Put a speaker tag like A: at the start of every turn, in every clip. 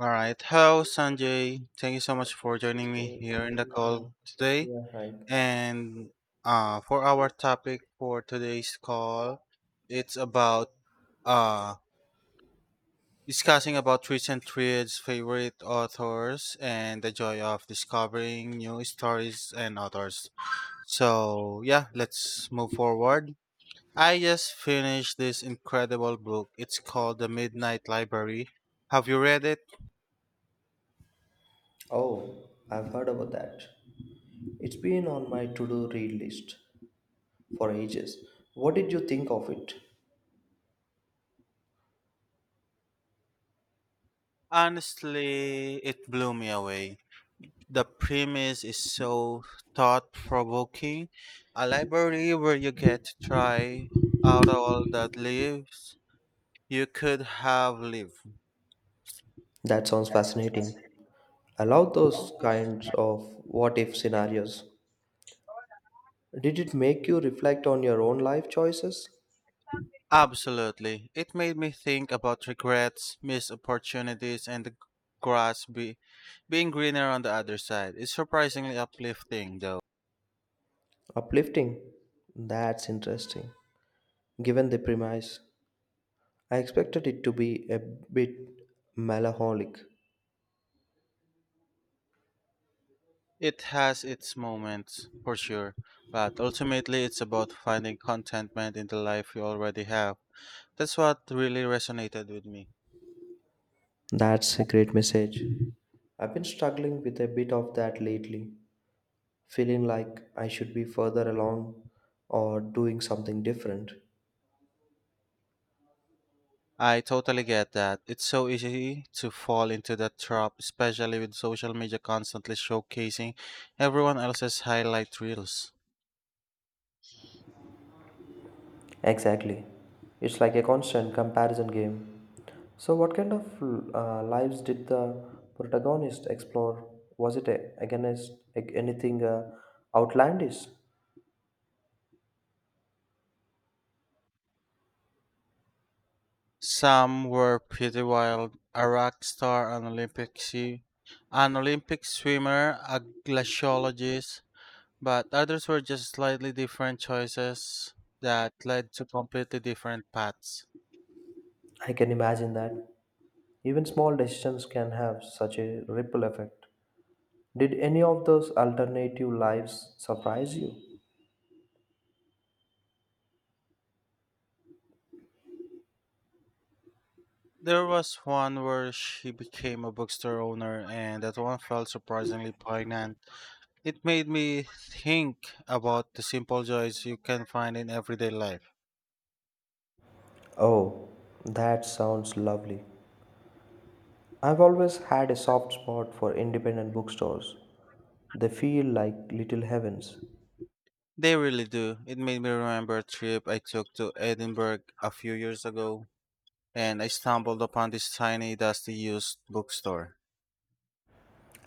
A: All right. Hello, Sanjay. Thank you so much for joining me
B: So
A: here in the
B: yeah,
A: call today.
B: yeah, hike.
A: And For our topic for today's call, it's about uh, discussing about recent reads, favorite authors, and the joy of discovering new stories and authors. So yeah, let's move forward. I just finished this incredible book. It's called The Midnight Library. Have you read it?
B: Oh, I've heard about that. It's been on my to-do read list for ages. What did you think of it?
A: Honestly, it blew me away. The premise is so thought provoking. A library where you get to try out all that lives you could have lived.
B: That sounds fascinating. I love those kinds of what-if scenarios. Did it make you reflect on your own life choices?
A: Absolutely. It made me think about regrets, missed opportunities, and the grass be- being greener on the other side. It's surprisingly uplifting, though.
B: Uplifting. That's interesting. Given the premise, I expected it to be a bit melancholic.
A: It has its moments, for sure, but ultimately it's about finding contentment in the life you already have. That's what really resonated with me.
B: That's a great message. I've been struggling with a bit of that lately, feeling like I should be further along or doing something different.
A: I totally get that. It's so easy to fall into that trap, especially with social media constantly showcasing everyone else's highlight reels.
B: Exactly. It's like a constant comparison game. So, what kind of lives did the protagonist explore? Was it against like, anything outlandish?
A: Some were pretty wild, a rock star, an Olympic swimmer, a glaciologist, but others were just slightly different choices that led to completely different paths.
B: I can imagine that. Even small decisions can have such a ripple effect. Did any of those alternative lives surprise you?
A: There was one where she became a bookstore owner, and that one felt surprisingly poignant. It made me think about the simple joys you can find in everyday life.
B: Oh, that sounds lovely. I've always had a soft spot for independent bookstores. They feel like little heavens.
A: They really do. It made me remember a trip I took to Edinburgh a few years ago, and I stumbled upon this tiny, dusty used bookstore.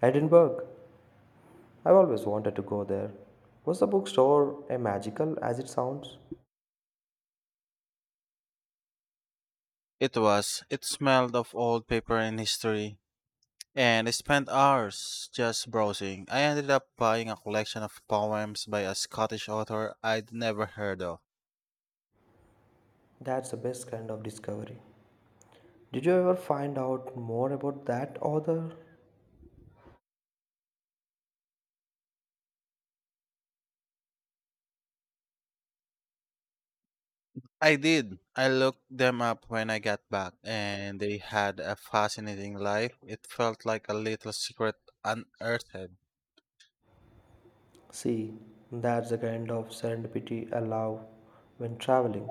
B: Edinburgh, I've always wanted to go there. Was the bookstore as magical as it sounds?
A: It was. It smelled of old paper and history, and I spent hours just browsing. I ended up buying a collection of poems by a Scottish author I'd never heard of.
B: That's the best kind of discovery. Did you ever find out more about that author?
A: I did. I looked them up when I got back, and they had a fascinating life. It felt like a little secret unearthed.
B: See, that's the kind of serendipity I love when traveling.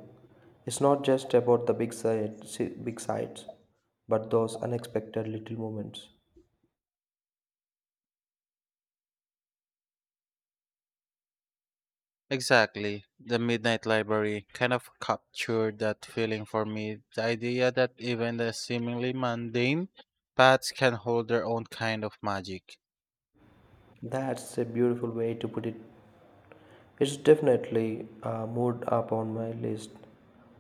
B: It's not just about the big sights, but those unexpected little moments.
A: Exactly. The Midnight Library kind of captured that feeling for me. The idea that even the seemingly mundane paths can hold their own kind of magic.
B: That's a beautiful way to put it. It's definitely a mood up on my list.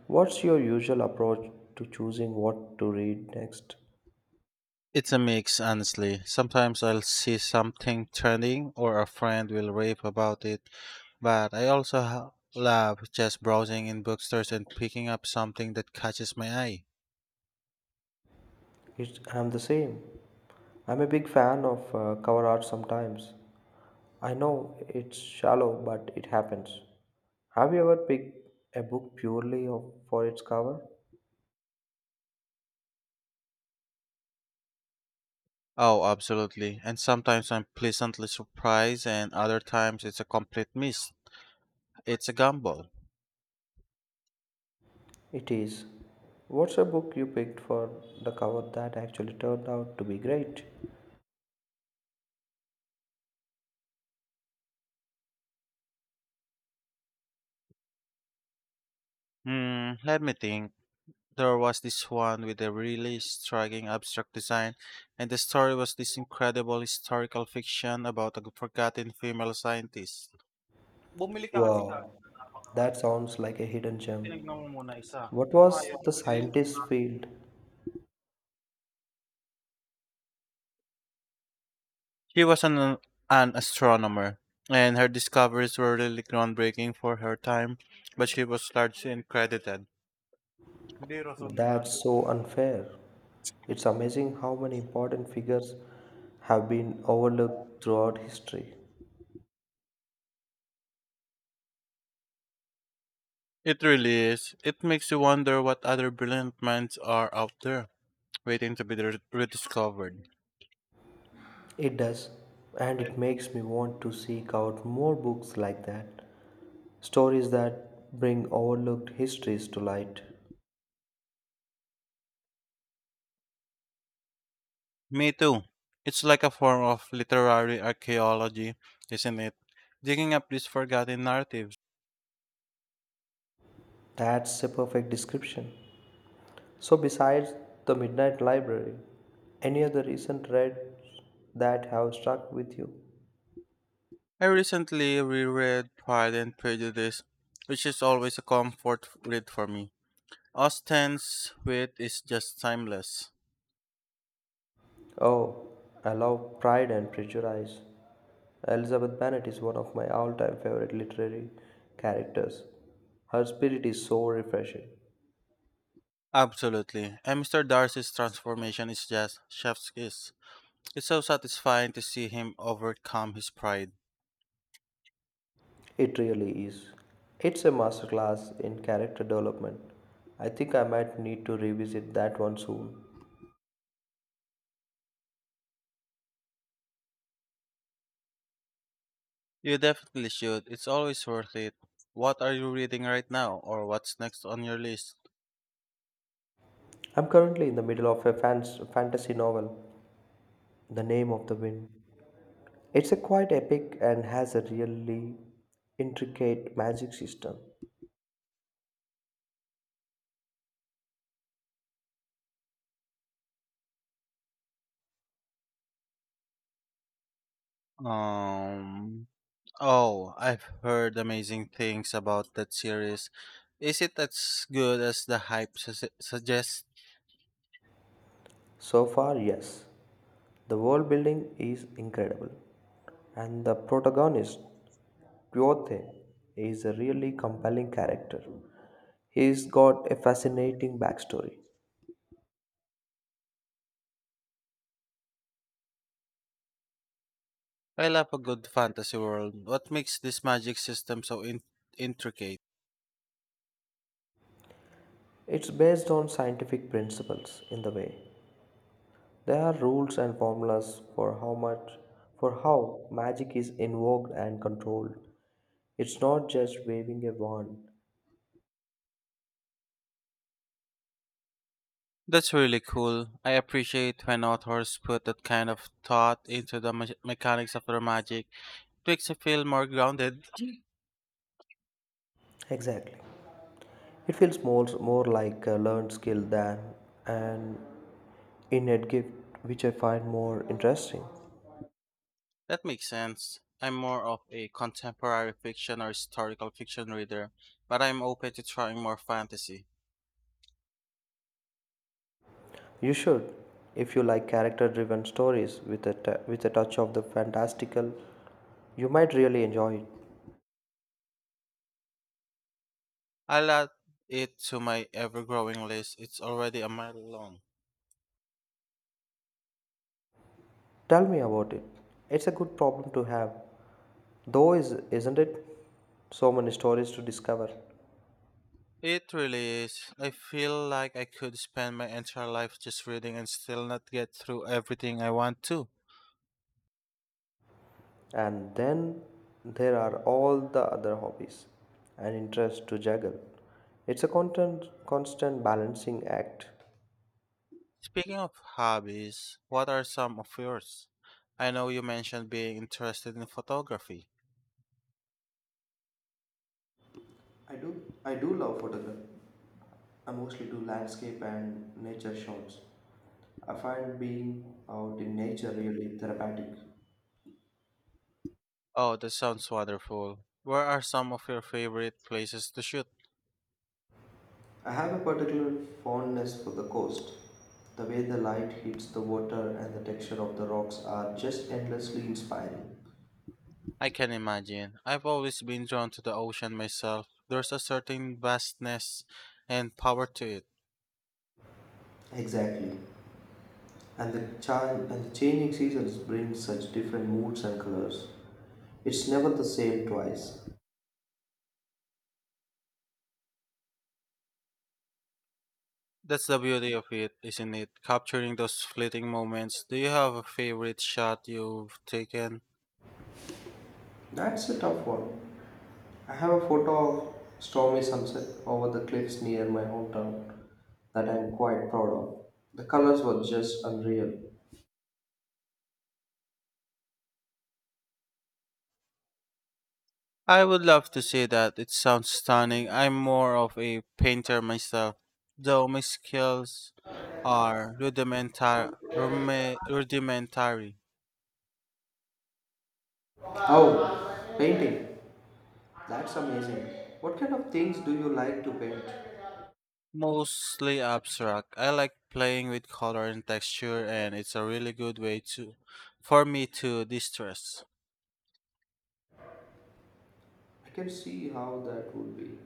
B: What's your usual approach to choosing what to read next?
A: It's a mix, honestly. Sometimes I'll see something trending or a friend will rave about it, but I also love just browsing in bookstores and picking up something that catches my eye.
B: I'm the same. I'm a big fan of cover art sometimes. I know it's shallow, but it happens. Have you ever picked a book purely for its cover?
A: Oh, absolutely. And sometimes I'm pleasantly surprised, and other times it's a complete miss. It's a gamble.
B: It is. What's a book you picked for the cover that actually turned out to be great?
A: Hmm, let me think. There was this one with a really striking abstract design, and the story was this incredible historical fiction about a forgotten female scientist. Bumili ka kasi ka.
B: Wow, that sounds like a hidden
A: Tinignan
B: gem.
A: mo muna isa,
B: What
A: kung ayaw
B: was the
A: silili-
B: scientist's field?
A: She was an astronomer, and her discoveries were really groundbreaking for her time, but she was largely uncredited. Hindi rason na
B: That's
A: nandun.
B: so unfair. It's amazing how many important figures have been overlooked throughout history.
A: It really is. It makes you wonder what other brilliant minds are out there, waiting to be rediscovered.
B: It does, and
A: Well,
B: it makes me want to seek out more books like that. Stories that bring overlooked histories to light.
A: me too. It's like a form of literary archaeology, isn't it? Digging up these forgotten narratives.
B: That's a perfect description. So, besides The Midnight Library, any other recent reads that have struck with you?
A: I recently reread Pride and Prejudice, which is always a comfort read for me. Austen's wit is just timeless.
B: Oh, I love Pride and Prejudice. Elizabeth Bennet is one of my all time favorite literary characters. Her spirit is so refreshing.
A: Absolutely. And Mr. Darcy's transformation is just chef's kiss. It's so satisfying to see him overcome his pride.
B: It really is. It's a masterclass in character development. I think I might need to revisit that one soon.
A: You definitely should. It's always worth it. What are you reading right now or what's next on your list?
B: I'm currently in the middle of a fantasy novel, The Name of the Wind. It's a quite epic and has a really intricate magic system.
A: Um Oh, I've heard amazing things about that series. Is it as good as the suggests?
B: So far, yes. The world building is incredible. And the protagonist, Quote, is a really compelling character. He's got a fascinating backstory.
A: I love a good fantasy world. What makes this magic system so intricate?
B: It's based on scientific principles in the way. There are rules and formulas for how much for how magic is invoked and controlled. It's not just waving a wand.
A: That's really cool. I appreciate when authors put that kind of thought into the mechanics of their magic. It makes me feel more grounded.
B: Exactly. It feels more like a learned skill than an innate gift, which I find more interesting.
A: That makes sense. I'm more of a contemporary fiction or historical fiction reader, but I'm open to trying more fantasy.
B: You should, if you like character driven stories with with a touch of the fantastical, you might really enjoy it.
A: I'll add it to my ever growing list. It's already a mile long.
B: Tell me about it. It's a good problem to have. Though is isn't it, so many stories to discover.
A: It really is. I feel like I could spend my entire life just reading and still not get through everything I want to.
B: And then there are all the other hobbies and interests to juggle. It's a constant balancing act.
A: Speaking of hobbies, what are some of yours? I know you mentioned being interested in photography.
B: I do I do love photography. I mostly do landscape and nature shots. I find being out in nature really therapeutic.
A: Oh, that sounds wonderful. Where are some of your favorite places to shoot?
B: I have a particular fondness for the coast. The way the light hits the water and the texture of the rocks are just endlessly inspiring.
A: I can imagine. I've always been drawn to the ocean myself. There's a certain vastness and power to it.
B: Exactly. And the child and the changing seasons bring such different moods and colors. It's never the same twice.
A: That's the beauty of it, isn't it? Capturing those fleeting moments. Do you have a favorite shot you've taken?
B: That's a tough one. I have a photo of stormy sunset over the cliffs near my hometown that I'm quite proud of. The colors were just unreal.
A: I would love to say that. It sounds stunning. I'm more of a painter myself, though my skills are rudimentary,
B: Oh, painting. That's amazing. What kind of things do you like to paint?
A: mostly abstract. I like playing with color and texture, and it's a really good way to for me to distress.
B: I can see how that would be.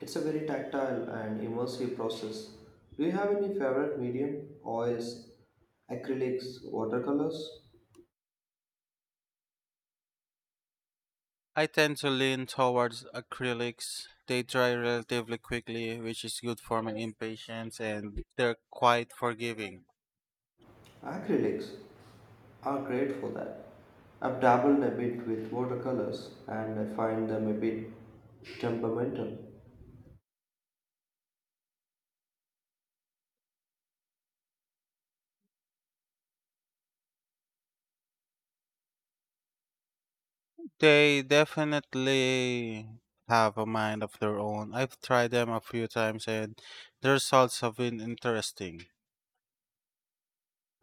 B: It's a very tactile and immersive process. Do you have any favorite medium? Oils, acrylics, watercolors?
A: I tend to lean towards acrylics. They dry relatively quickly, which is good for my impatience, and they're quite forgiving.
B: Acrylics are great for that. I've dabbled a bit with watercolors and I find them a bit temperamental.
A: They definitely have a mind of their own. I've tried them a few times, and the results have been interesting.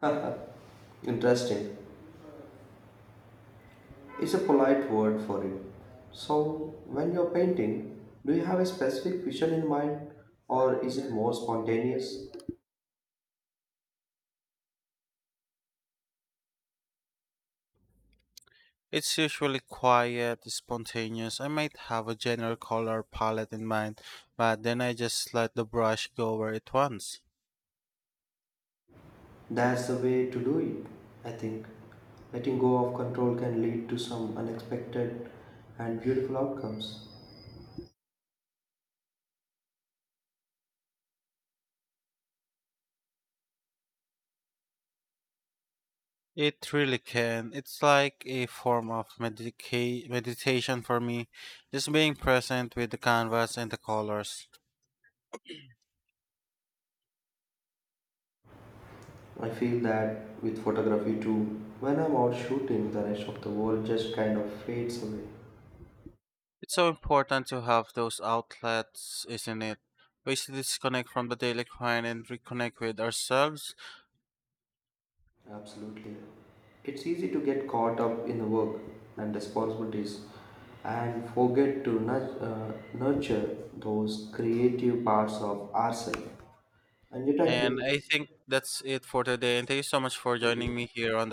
B: Haha, interesting. It's a polite word for it. So, when you're painting, do you have a specific vision in mind, or is it more spontaneous?
A: It's usually quiet, spontaneous. I might have a general color palette in mind, but then I just let the brush go where it wants.
B: That's the way to do it, I think. Letting go of control can lead to some unexpected and beautiful outcomes.
A: It really can. It's like a form of meditation for me, just being present with the canvas and the colors.
B: I feel that with photography too. When I'm out shooting, the rest of the world just kind of fades away.
A: It's so important to have those outlets, isn't it? Ways to disconnect from the daily grind and reconnect with ourselves.
B: Absolutely. It's easy to get caught up in the work and responsibilities and forget to nurture those creative parts of ourselves. And you thank
A: And
B: you.
A: I think that's it for today. And thank you so much for
B: Thank
A: joining me
B: you.
A: here on